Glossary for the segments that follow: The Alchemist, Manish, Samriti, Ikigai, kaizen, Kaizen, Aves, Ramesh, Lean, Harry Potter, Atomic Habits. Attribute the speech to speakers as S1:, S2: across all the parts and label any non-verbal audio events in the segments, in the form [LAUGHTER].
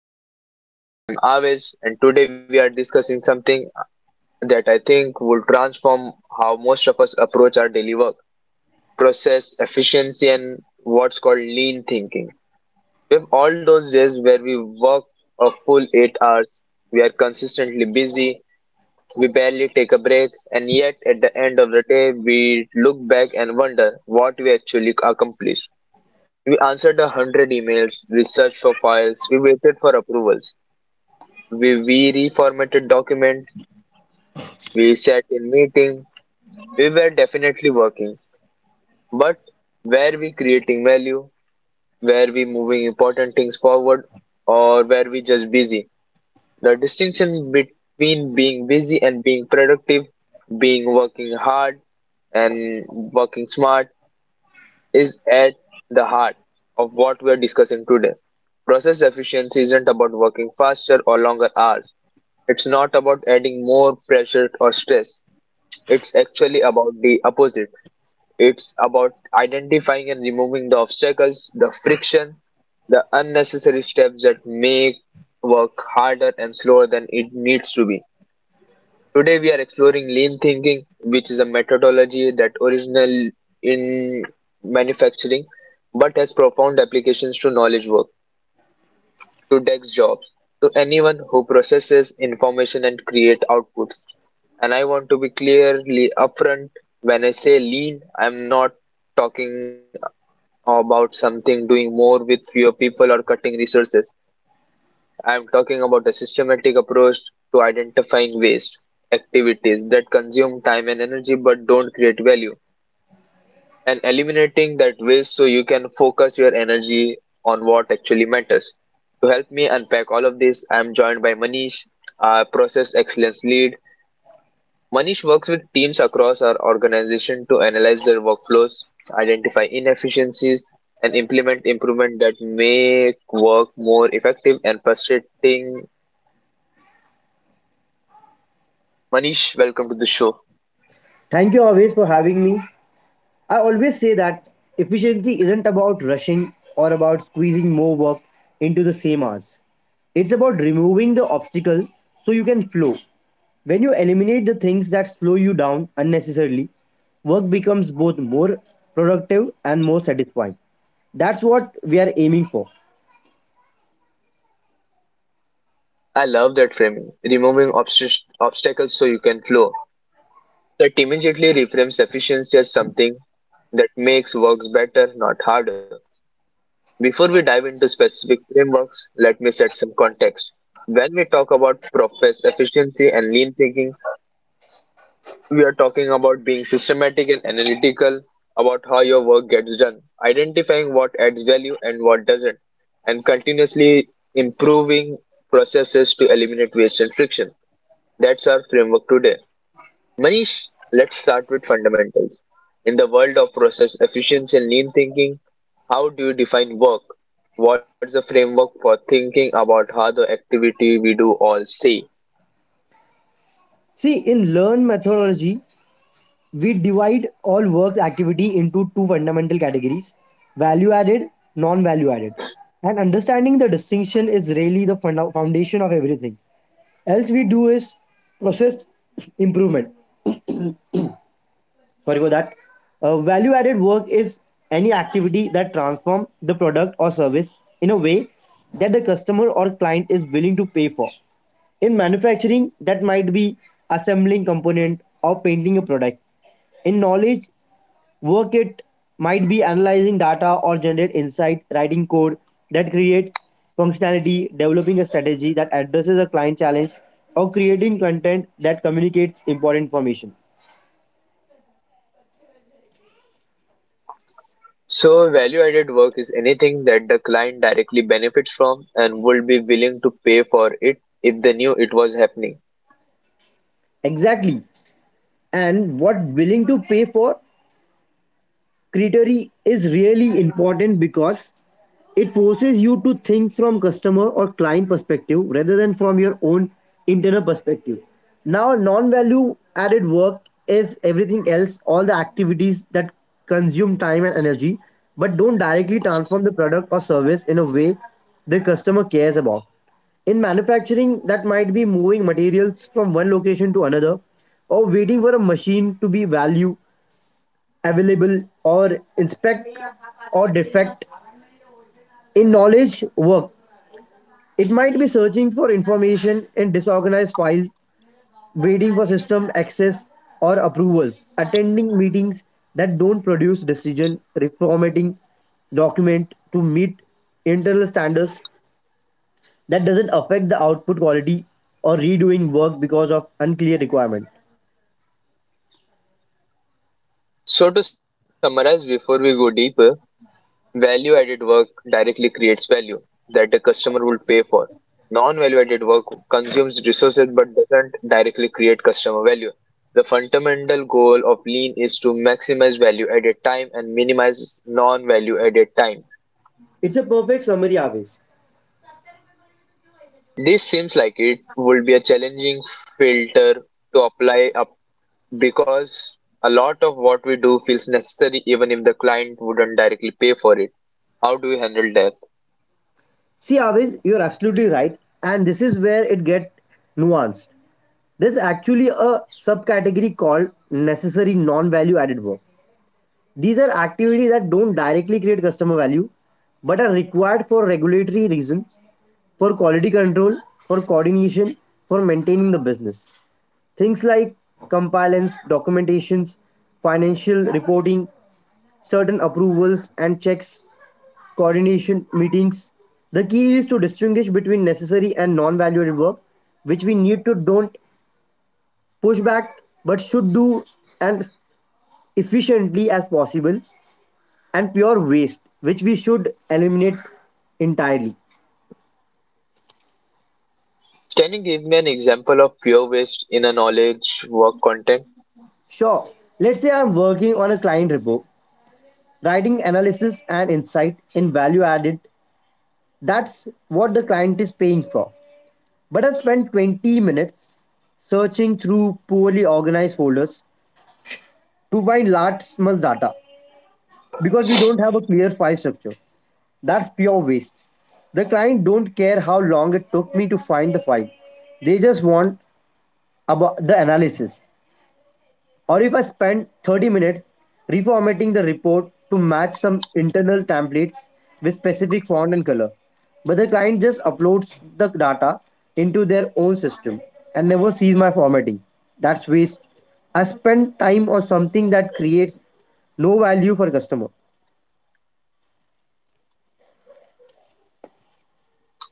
S1: the Professional Pulse. I'm Aves and today we are discussing something that I think will transform how most of us approach our daily work, process, efficiency and what's called lean thinking. We have all those days where we work a full 8 hours, we are consistently busy, we barely take a break and yet at the end of the day we look back and wonder what we actually accomplished. We answered 100 emails, we searched for files, we waited for approvals. We reformatted documents, we sat in meeting, we were definitely working. But were we creating value? Were we moving important things forward? Or were we just busy? The distinction between being busy and being productive, being working hard and working smart, is at the heart of what we are discussing today. Process efficiency isn't about working faster or longer hours. It's not about adding more pressure or stress. It's actually about the opposite. It's about identifying and removing the obstacles, the friction, the unnecessary steps that make work harder and slower than it needs to be. Today we are exploring lean thinking, which is a methodology that original in manufacturing but has profound applications to knowledge work, to desk jobs, to anyone who processes information and create outputs. And I want to be clearly upfront when I say lean, I'm not talking about something doing more with fewer people or cutting resources. I am talking about a systematic approach to identifying waste, activities that consume time and energy but don't create value, and eliminating that waste so you can focus your energy on what actually matters. To help me unpack all of this, I am joined by Manish, our process excellence lead. Manish works with teams across our organization to analyze their workflows, identify inefficiencies, and implement improvement that make work more effective and frustrating. Manish, welcome to the show.
S2: Thank you always for having me. I always say that efficiency isn't about rushing or about squeezing more work into the same hours. It's about removing the obstacle so you can flow. When you eliminate the things that slow you down unnecessarily, work becomes both more productive and more satisfying. That's what we are aiming for.
S1: I love that framing, removing obstacles so you can flow. That immediately reframes efficiency as something that makes works better, not harder. Before we dive into specific frameworks, let me set some context. When we talk about process efficiency and lean thinking, we are talking about being systematic and analytical about how your work gets done, identifying what adds value and what doesn't, and continuously improving processes to eliminate waste and friction. That's our framework today. Manish, let's start with fundamentals. In the world of process efficiency and lean thinking, how do you define work? What's the framework for thinking about how the activity we do all say?
S2: See, in learn methodology, we divide all work activity into two fundamental categories, value added, non value added. And understanding the distinction is really the foundation of everything else we do is process improvement. Sorry for that. Value added work is any activity that transforms the product or service in a way that the customer or client is willing to pay for. In manufacturing, that might be assembling component or painting a product. In knowledge, work it might be analyzing data or generate insight, writing code that create functionality, developing a strategy that addresses a client challenge, or creating content that communicates important information.
S1: So, value-added work is anything that the client directly benefits from and would be willing to pay for it if they knew it was happening.
S2: Exactly. And what willing to pay for? Criteria is really important because it forces you to think from customer or client perspective rather than from your own internal perspective. Now, non-value added work is everything else, all the activities that consume time and energy, but don't directly transform the product or service in a way the customer cares about. In manufacturing, that might be moving materials from one location to another or waiting for a machine to be value available or inspect or defect in knowledge work. It might be searching for information in disorganized files, waiting for system access or approvals, attending meetings that don't produce decision, reformatting document to meet internal standards that doesn't affect the output quality or redoing work because of unclear requirement.
S1: So, to summarize, before we go deeper, value-added work directly creates value that the customer will pay for. Non-value-added work consumes resources but doesn't directly create customer value. The fundamental goal of lean is to maximize value-added time and minimize non-value-added time.
S2: It's a perfect summary, Aves.
S1: This seems like it would be a challenging filter to apply up because a lot of what we do feels necessary even if the client wouldn't directly pay for it. How do we handle that?
S2: See, Aves, you're absolutely right, and this is where it gets nuanced. There's actually a subcategory called necessary non-value added work. These are activities that don't directly create customer value but are required for regulatory reasons, for quality control, for coordination, for maintaining the business. Things like compliance, documentations, financial reporting, certain approvals and checks, coordination meetings. The key is to distinguish between necessary and non-value added work which we need to don't pushback, but should do and efficiently as possible, and pure waste, which we should eliminate entirely.
S1: Can you give me an example of pure waste in a knowledge work content?
S2: Sure, let's say I'm working on a client repo, writing analysis and insight in value added. That's what the client is paying for. But I spent 20 minutes searching through poorly organized folders to find large small data because we don't have a clear file structure. That's pure waste. The client don't care how long it took me to find the file. They just want about the analysis. Or if I spend 30 minutes reformatting the report to match some internal templates with specific font and color. But the client just uploads the data into their own system and never sees my formatting. That's waste. I spend time on something that creates no value for customer.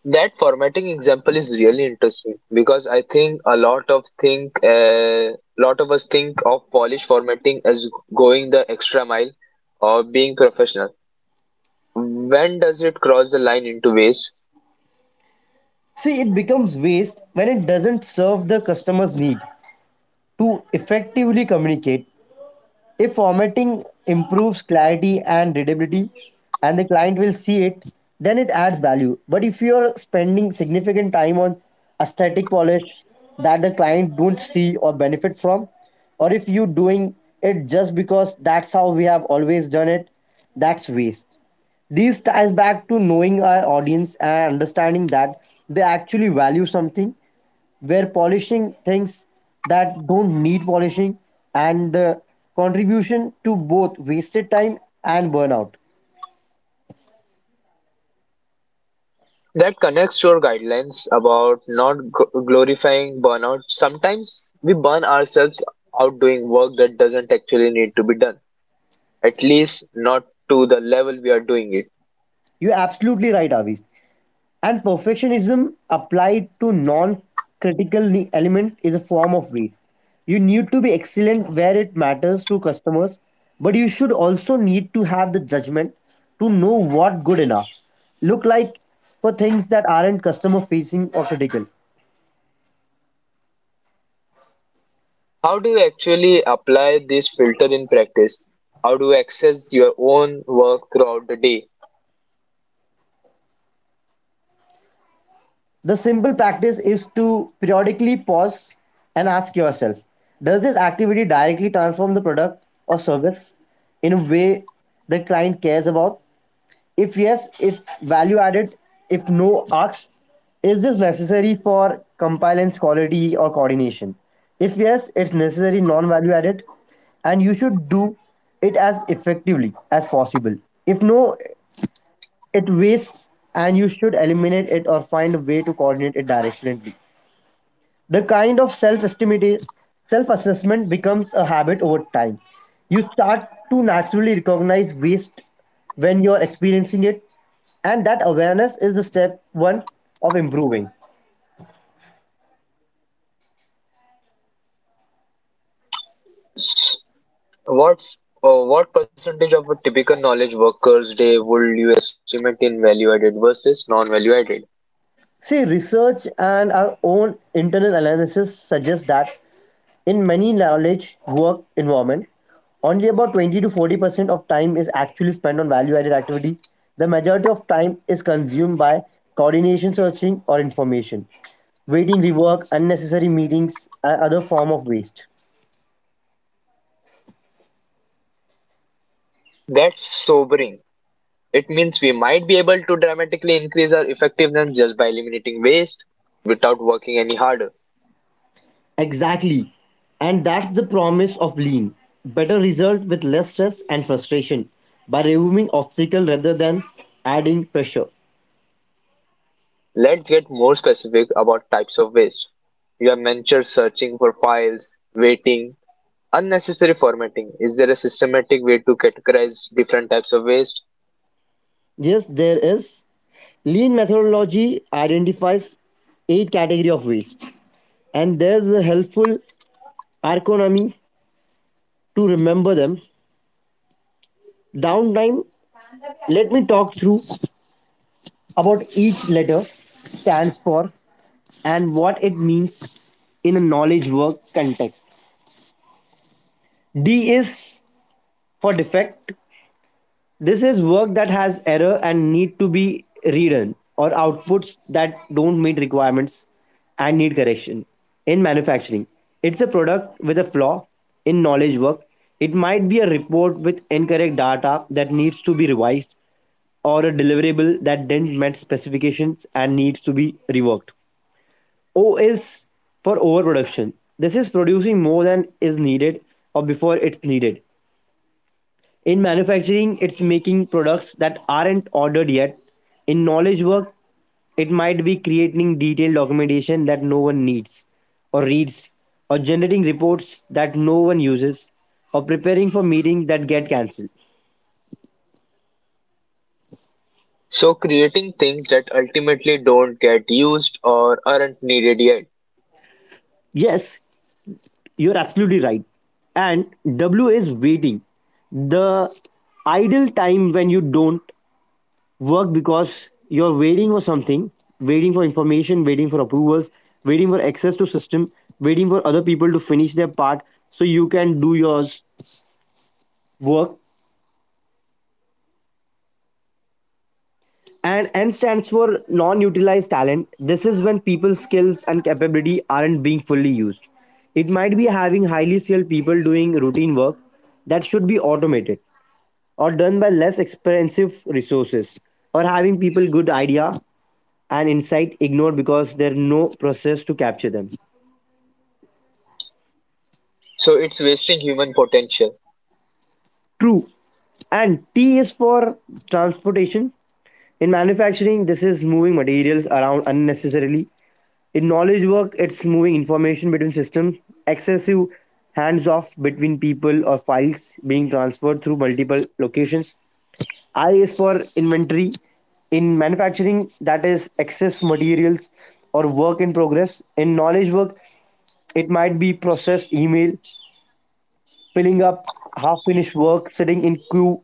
S1: That formatting example is really interesting because I think a lot of think lot of us think of polish formatting as going the extra mile or being professional. When does it cross the line into waste?
S2: See, it becomes waste when it doesn't serve the customer's need. To effectively communicate, if formatting improves clarity and readability and the client will see it, then it adds value. But if you're spending significant time on aesthetic polish that the client don't see or benefit from, or if you're doing it just because that's how we have always done it, that's waste. This ties back to knowing our audience and understanding that they actually value something. We're polishing things that don't need polishing and the contribution to both wasted time and burnout.
S1: That connects to our guidelines about not glorifying burnout. Sometimes we burn ourselves out doing work that doesn't actually need to be done, at least not to the level we are doing it.
S2: You're absolutely right, Avis, and perfectionism applied to non-critical element is a form of waste. You need to be excellent where it matters to customers, but you should also need to have the judgment to know what good enough look like for things that aren't customer facing or critical.
S1: How do you actually apply this filter in practice? How do you access your own work throughout the day?
S2: The simple practice is to periodically pause and ask yourself, does this activity directly transform the product or service in a way the client cares about? If yes, it's value added. If no, ask, is this necessary for compliance, quality, or coordination? If yes, it's necessary, non value added, and you should do it as effectively as possible. If no, it wastes and you should eliminate it or find a way to coordinate it directionally. The kind of self-estimate self-assessment becomes a habit over time. You start to naturally recognize waste when you're experiencing it and that awareness is the step one of improving.
S1: S- what percentage of a typical knowledge worker's day would you estimate in value added versus non value added?
S2: See, research and our own internal analysis suggest that in many knowledge work environment, only about 20 to 40% of time is actually spent on value added activities. The majority of time is consumed by coordination searching or information, waiting rework, unnecessary meetings, and other form of waste.
S1: That's sobering. It means we might be able to dramatically increase our effectiveness just by eliminating waste without working any harder.
S2: Exactly. And that's the promise of lean. Better result with less stress and frustration by removing obstacle rather than adding pressure.
S1: Let's get more specific about types of waste. You have mentioned searching for files, waiting, unnecessary formatting. Is there a systematic way to categorize different types of waste?
S2: Yes, there is. Lean methodology identifies eight category of waste, and there's a helpful acronym to remember them. Downtime. Let me talk through about each letter stands for and what it means in a knowledge work context. D is for defect. This is work that has error and need to be redone or outputs that don't meet requirements and need correction. In manufacturing, it's a product with a flaw in knowledge work. It might be a report with incorrect data that needs to be revised or a deliverable that didn't meet specifications and needs to be reworked. O is for overproduction. This is producing more than is needed or before it's needed. In manufacturing, it's making products that aren't ordered yet. In knowledge work, it might be creating detailed documentation that no one needs or reads, or generating reports that no one uses, or preparing for meetings that get cancelled.
S1: So, creating things that ultimately don't get used or aren't needed yet.
S2: Yes, you're absolutely right. And W is waiting. The idle time when you don't work because you're waiting for something, waiting for information, waiting for approvals, waiting for access to system, waiting for other people to finish their part so you can do your work. And N stands for non-utilized talent. This is when people's skills and capability aren't being fully used. It might be having highly skilled people doing routine work that should be automated or done by less expensive resources, or having people good idea and insight ignored because there are no process to capture them.
S1: So, it's wasting human potential.
S2: True. And T is for transportation. In manufacturing, this is moving materials around unnecessarily. In knowledge work, it's moving information between systems, excessive hands off between people or files being transferred through multiple locations. I is for inventory. In manufacturing, that is excess materials or work in progress. In knowledge work, it might be processed email filling up half finished work, sitting in queue,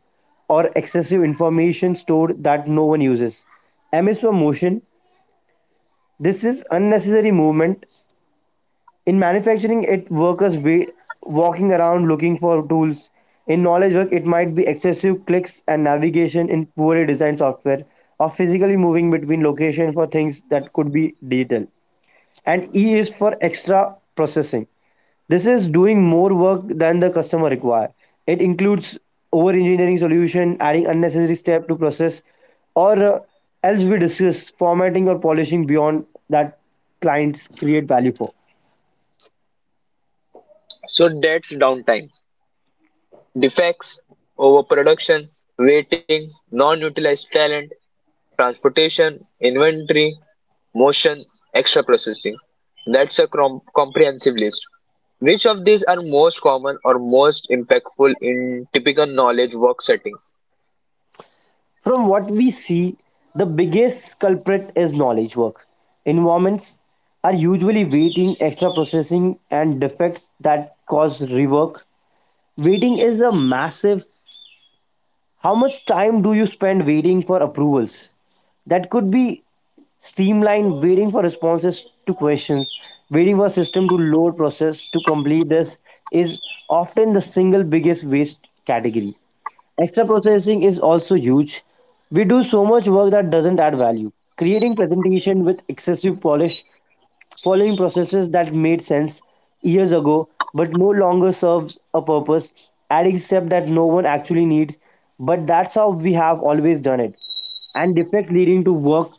S2: or excessive information stored that no one uses. M is for motion. This is unnecessary movement. In manufacturing, it workers walking around looking for tools. In knowledge work, it might be excessive clicks and navigation in poorly designed software, or physically moving between locations for things that could be digital. And E is for extra processing. This is doing more work than the customer require. It includes over engineering solution, adding unnecessary step to process, or else we discuss formatting or polishing beyond that clients create value for.
S1: So, that's downtime. Defects, overproduction, waiting, non-utilized talent, transportation, inventory, motion, extra processing. That's a comprehensive list. Which of these are most common or most impactful in typical knowledge work settings?
S2: From what we see, the biggest culprit is knowledge work. Environments are usually waiting, extra processing, and defects that cause rework. Waiting is a massive. How much time do you spend waiting for approvals? That could be streamlined, waiting for responses to questions, waiting for system to load process to complete. This is often the single biggest waste category. Extra processing is also huge. We do so much work that doesn't add value. Creating presentation with excessive polish, following processes that made sense years ago but no longer serves a purpose, adding step that no one actually needs. But that's how we have always done it. And defect leading to work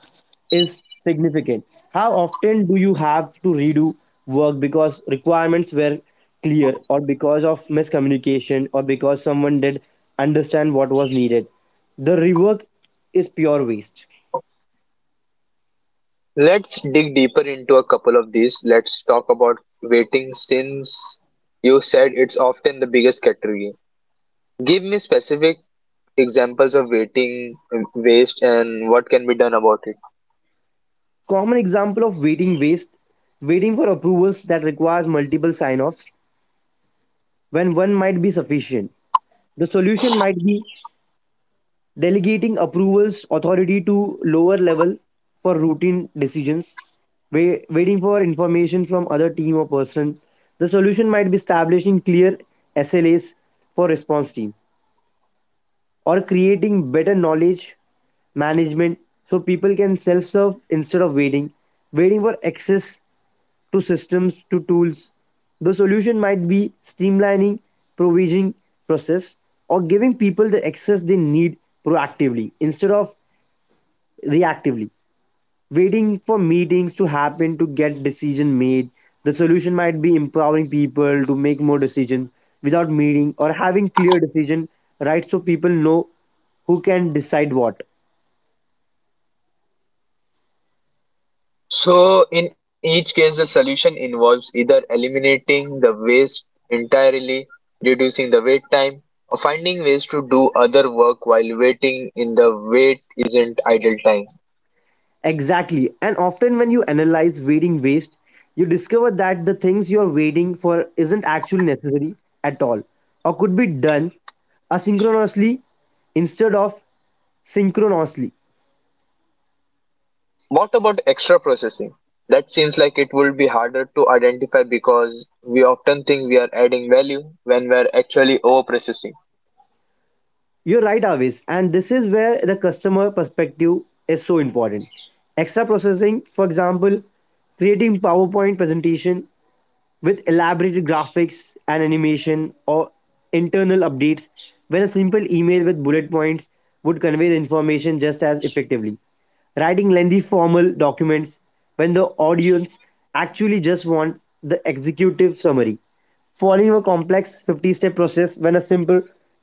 S2: is significant. How often do you have to redo work because requirements were clear or because of miscommunication or because someone did understand what was needed? The rework is pure waste.
S1: Let's dig deeper into a couple of these. Let's talk about waiting since you said it's often the biggest category. Give me specific examples of waiting, waste, and what can be done about it.
S2: Common example of waiting waste, waiting for approvals that requires multiple sign-offs when one might be sufficient. The solution might be delegating approvals authority to lower level for routine decisions. Waiting for information from other team or person, the solution might be establishing clear SLAs for response team or creating better knowledge management so people can self-serve instead of waiting. Waiting for access to systems to tools, the solution might be streamlining provisioning process or giving people the access they need proactively instead of reactively. Waiting for meetings to happen to get decision made, the solution might be empowering people to make more decisions without meeting or having clear decision right, so people know who can decide what.
S1: So, in each case, the solution involves either eliminating the waste entirely, reducing the wait time, or finding ways to do other work while waiting in the wait isn't idle time.
S2: Exactly. And often when you analyze wading waste, you discover that the things you're wading for isn't actually necessary at all, or could be done asynchronously instead of synchronously.
S1: What about extra processing? That seems like it would be harder to identify because we often think we are adding value when we are actually overprocessing.
S2: You're right, Avis. And this is where the customer perspective is so important. Extra processing, for example, creating PowerPoint presentation with elaborated graphics and animation or internal updates when a simple email with bullet points would convey the information just as effectively. Writing lengthy formal documents when the audience actually just want the executive summary. Following a complex 50 step process when a simple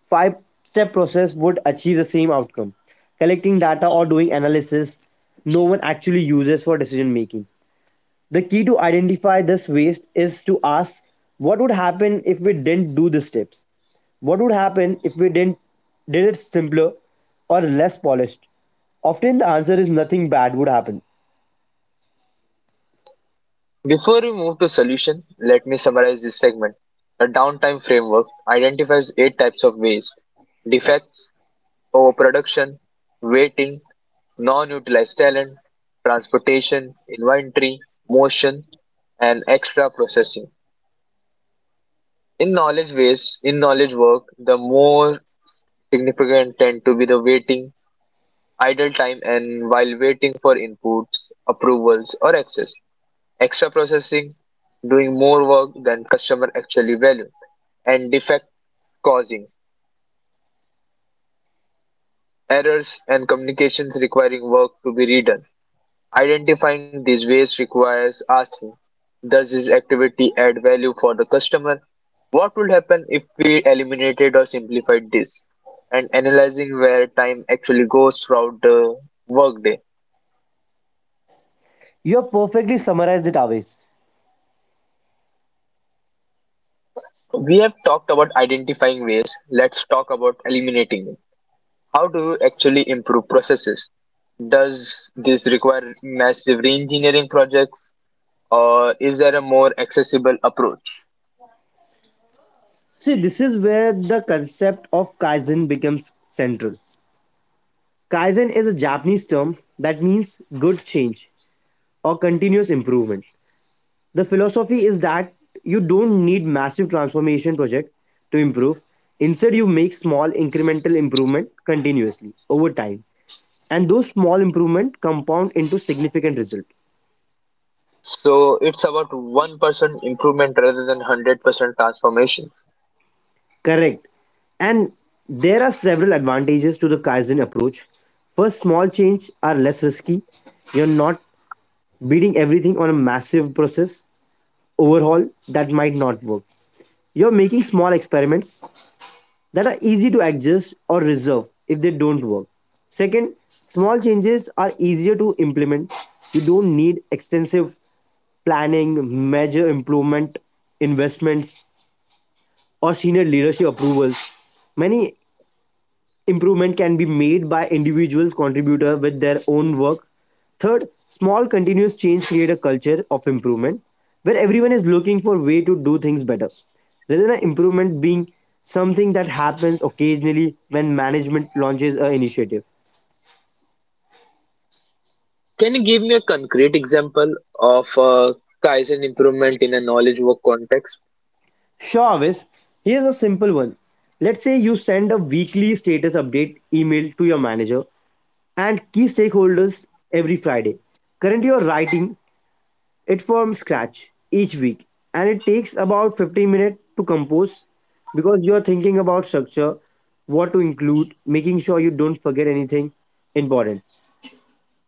S2: 5 step process would achieve the same outcome. Collecting data or doing analysis no one actually uses for decision making. The key to identify this waste is to ask, what would happen if we didn't do the steps? What would happen if we didn't did it simpler or less polished? Often the answer is nothing bad would happen.
S1: Before we move to solution, let me summarize this segment. The downtime framework identifies eight types of waste defects, overproduction, waiting, non-utilized talent, transportation, inventory, motion, and extra processing. In knowledge waste, in knowledge work, the more significant tend to be the waiting, idle time, and while waiting for inputs, approvals, or access. Extra processing, doing more work than customer actually value, and defect causing errors and communications requiring work to be redone. Identifying these waste requires asking, does this activity add value for the customer? What would happen if we eliminated or simplified this? And analyzing where time actually goes throughout the workday.
S2: You have perfectly summarized it, Aves.
S1: We have talked about identifying waste. Let's talk about eliminating them. How do you actually improve processes? Does this require massive reengineering projects or is there a more accessible approach?
S2: See, this is where the concept of kaizen becomes central. Kaizen is a Japanese term that means good change or continuous improvement. The philosophy is that you don't need massive transformation project to improve. Instead, you make small incremental improvement continuously over time. And those small improvement compound into significant result.
S1: So it's about 1% improvement rather than 100% transformations.
S2: Correct. And there are several advantages to the Kaizen approach. First, small change are less risky. You're not beating everything on a massive process overhaul that might not work. You're making small experiments that are easy to adjust or reserve if they don't work. Second, small changes are easier to implement. You don't need extensive planning, major improvement investments, or senior leadership approvals. Many improvement can be made by individual contributor with their own work. Third, small continuous change create a culture of improvement where everyone is looking for way to do things better. There is an improvement being something that happens occasionally when management launches an initiative.
S1: Can you give me a concrete example of a Kaizen improvement in a knowledge work context?
S2: Sure, Avis, here's a simple one. Let's say you send a weekly status update email to your manager and key stakeholders every Friday. Currently you're writing it from scratch each week, and it takes about 15 minutes to compose because you are thinking about structure, what to include, making sure you don't forget anything important.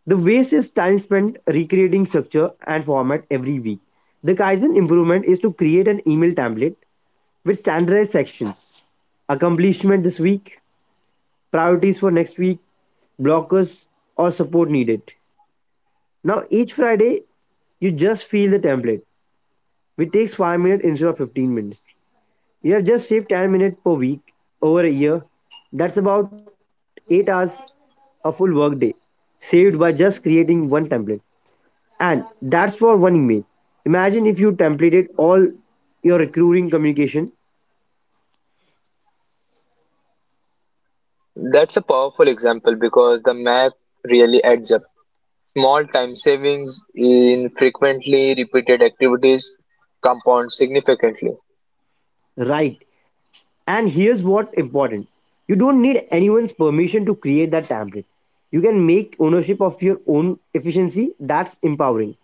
S2: The waste is time spent recreating structure and format every week. The kaizen improvement is to create an email template with standardized sections: accomplishment this week, priorities for next week, blockers, or support needed. Now each Friday you just fill the template, which takes 5 minutes instead of 15 minutes. You have just saved 10 minutes per week. Over a year, that's about 8 hours, a full workday, saved by just creating one template. And that's for one email. Imagine if you templated all your recruiting communication.
S1: That's a powerful example because the math really adds up. Small time savings in frequently repeated activities compound significantly.
S2: Right. And here's what important. You don't need anyone's permission to create that template. You can make ownership of your own efficiency. That's empowering.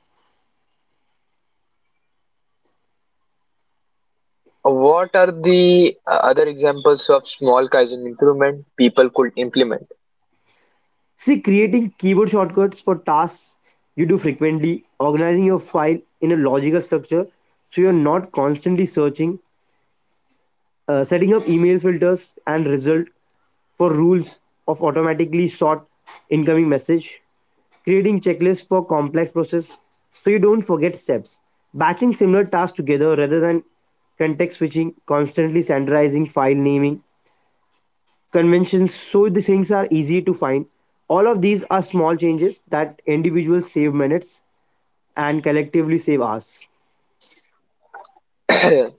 S1: What are the other examples of small Kaizen improvement people could implement?
S2: See, creating keyboard shortcuts for tasks you do frequently, organizing your file in a logical structure so you're not constantly searching, setting up email filters and result for rules of automatically sort incoming message, creating checklists for complex process so you don't forget steps, batching similar tasks together rather than context switching, constantly standardizing file naming conventions so the things are easy to find. All of these are small changes that individuals save minutes and collectively save hours.
S1: [CLEARS THROAT]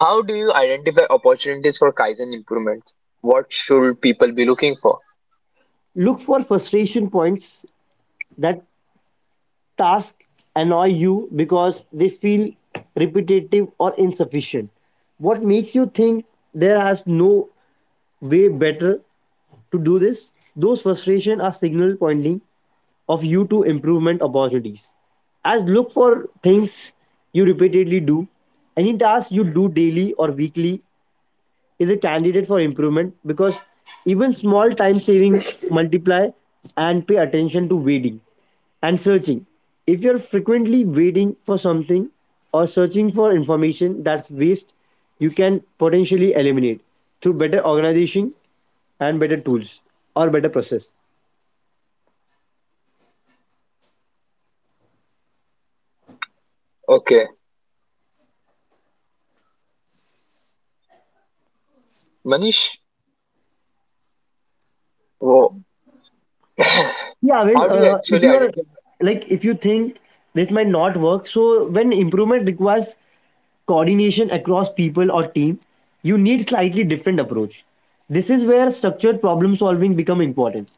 S1: How do you identify opportunities for Kaizen improvements? What should people be looking for?
S2: Look for frustration points, that task annoy you because they feel repetitive or insufficient. What makes you think there has no way better to do this? Those frustration are signal pointing of you to improvement opportunities. As look for things you repeatedly do, any task you do daily or weekly is a candidate for improvement because even small time saving multiply. And pay attention to waiting and searching. If you're frequently waiting for something or searching for information, that's waste, you can potentially eliminate through better organization and better tools or better process.
S1: Okay, Manish, whoa. [COUGHS] [CLEARS THROAT]
S2: Yeah,
S1: how do you
S2: Viz,
S1: actually
S2: if
S1: identify?
S2: you're like, if you think this might not work, so when improvement requires coordination across people or team, you need slightly different approach. This is where structured problem solving become important.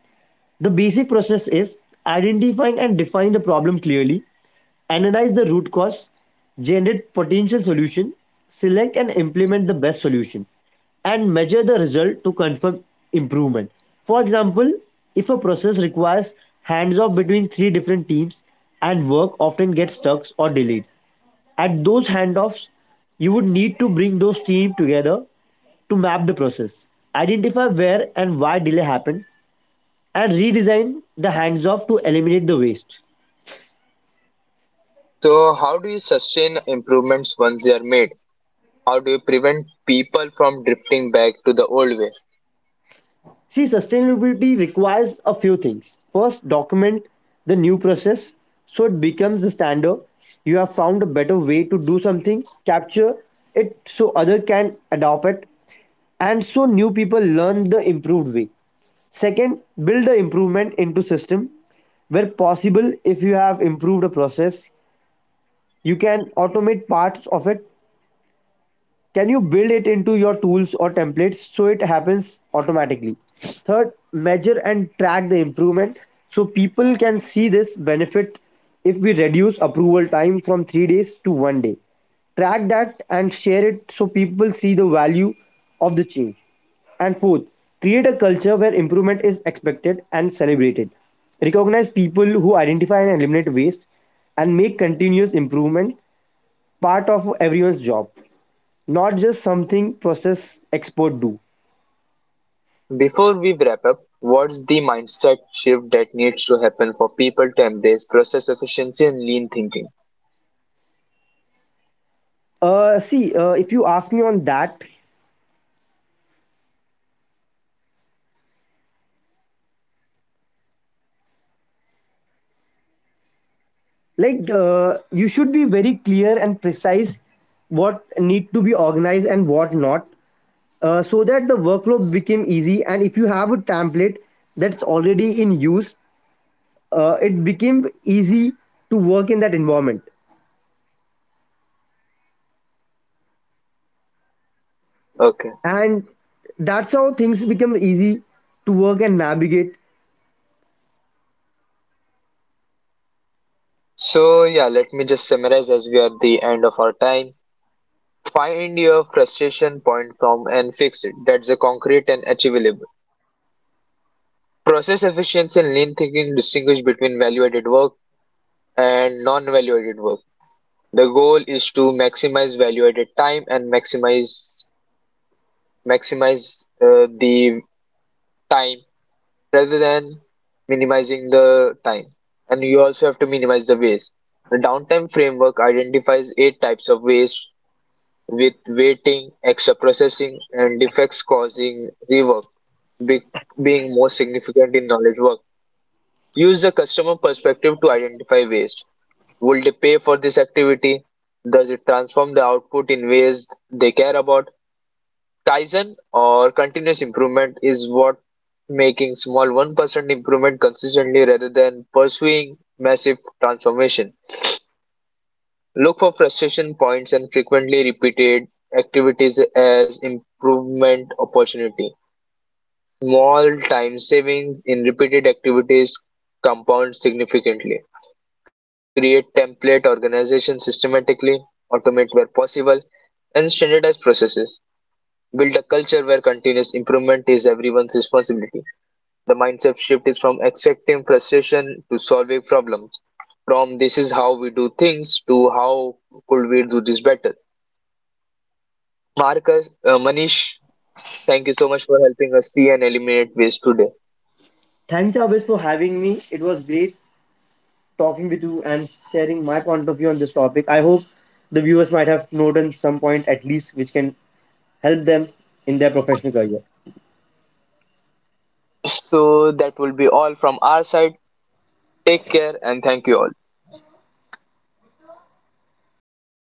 S2: The basic process is identifying and define the problem clearly, analyze the root cause, generate potential solution, select and implement the best solution, and measure the result to confirm improvement. For example, if a process requires hands-off between three different teams and work often gets stuck or delayed at those handoffs, you would need to bring those teams together to map the process, identify where and why delay happened, and redesign the hands off to eliminate the waste.
S1: So, how do you sustain improvements once they are made? How do you prevent people from drifting back to the old way?
S2: See, sustainability requires a few things. First, document the new process so it becomes the standard. You have found a better way to do something, capture it so other can adopt it, and so new people learn the improved way. Second, build the improvement into system where possible. If you have improved a process, you can automate parts of it. Can you build it into your tools or templates so it happens automatically? Third, measure and track the improvement so people can see this benefit. If we reduce approval time from 3 days to 1 day, track that and share it so people see the value of the change. And fourth, create a culture where improvement is expected and celebrated. Recognize people who identify and eliminate waste, and make continuous improvement part of everyone's job, not just something process expert do.
S1: Before we wrap up, what's the mindset shift that needs to happen for people to embrace process efficiency and lean thinking?
S2: See, if you ask me on that, like, you should be very clear and precise what need to be organized and what not. So that the workflow became easy, and if you have a template that's already in use, it became easy to work in that environment.
S1: Okay,
S2: And that's how things become easy to work and navigate.
S1: so yeah, let me just summarize as we are at the end of our time. Find your frustration point from and fix it. That's a concrete and achievable. Process efficiency and lean thinking distinguish between value added work and non value added work. The goal is to maximize value added time and maximize the time rather than minimizing the time. And you also have to minimize the waste. The downtime framework identifies eight types of waste with waiting, extra processing, and defects causing rework be- being most significant in knowledge work. Use the customer perspective to identify waste. Will they pay for this activity? Does it transform the output in ways they care about? Kaizen or continuous improvement is what making small 1% improvement consistently rather than pursuing massive transformation. Look for frustration points and frequently repeated activities as improvement opportunity. Small time savings in repeated activities compound significantly. Create template organization systematically, automate where possible, and standardize processes. Build a culture where continuous improvement is everyone's responsibility. The mindset shift is from accepting frustration to solving problems. From this is how we do things to how could we do this better. Marcus, Manish, thank you so much for helping us see and eliminate waste today.
S2: Thanks always for having me. It was great talking with you and sharing my point of view on this topic. I hope the viewers might have noted some point at least which can help them in their professional career.
S1: So that will be all from our side. Take care and thank you all.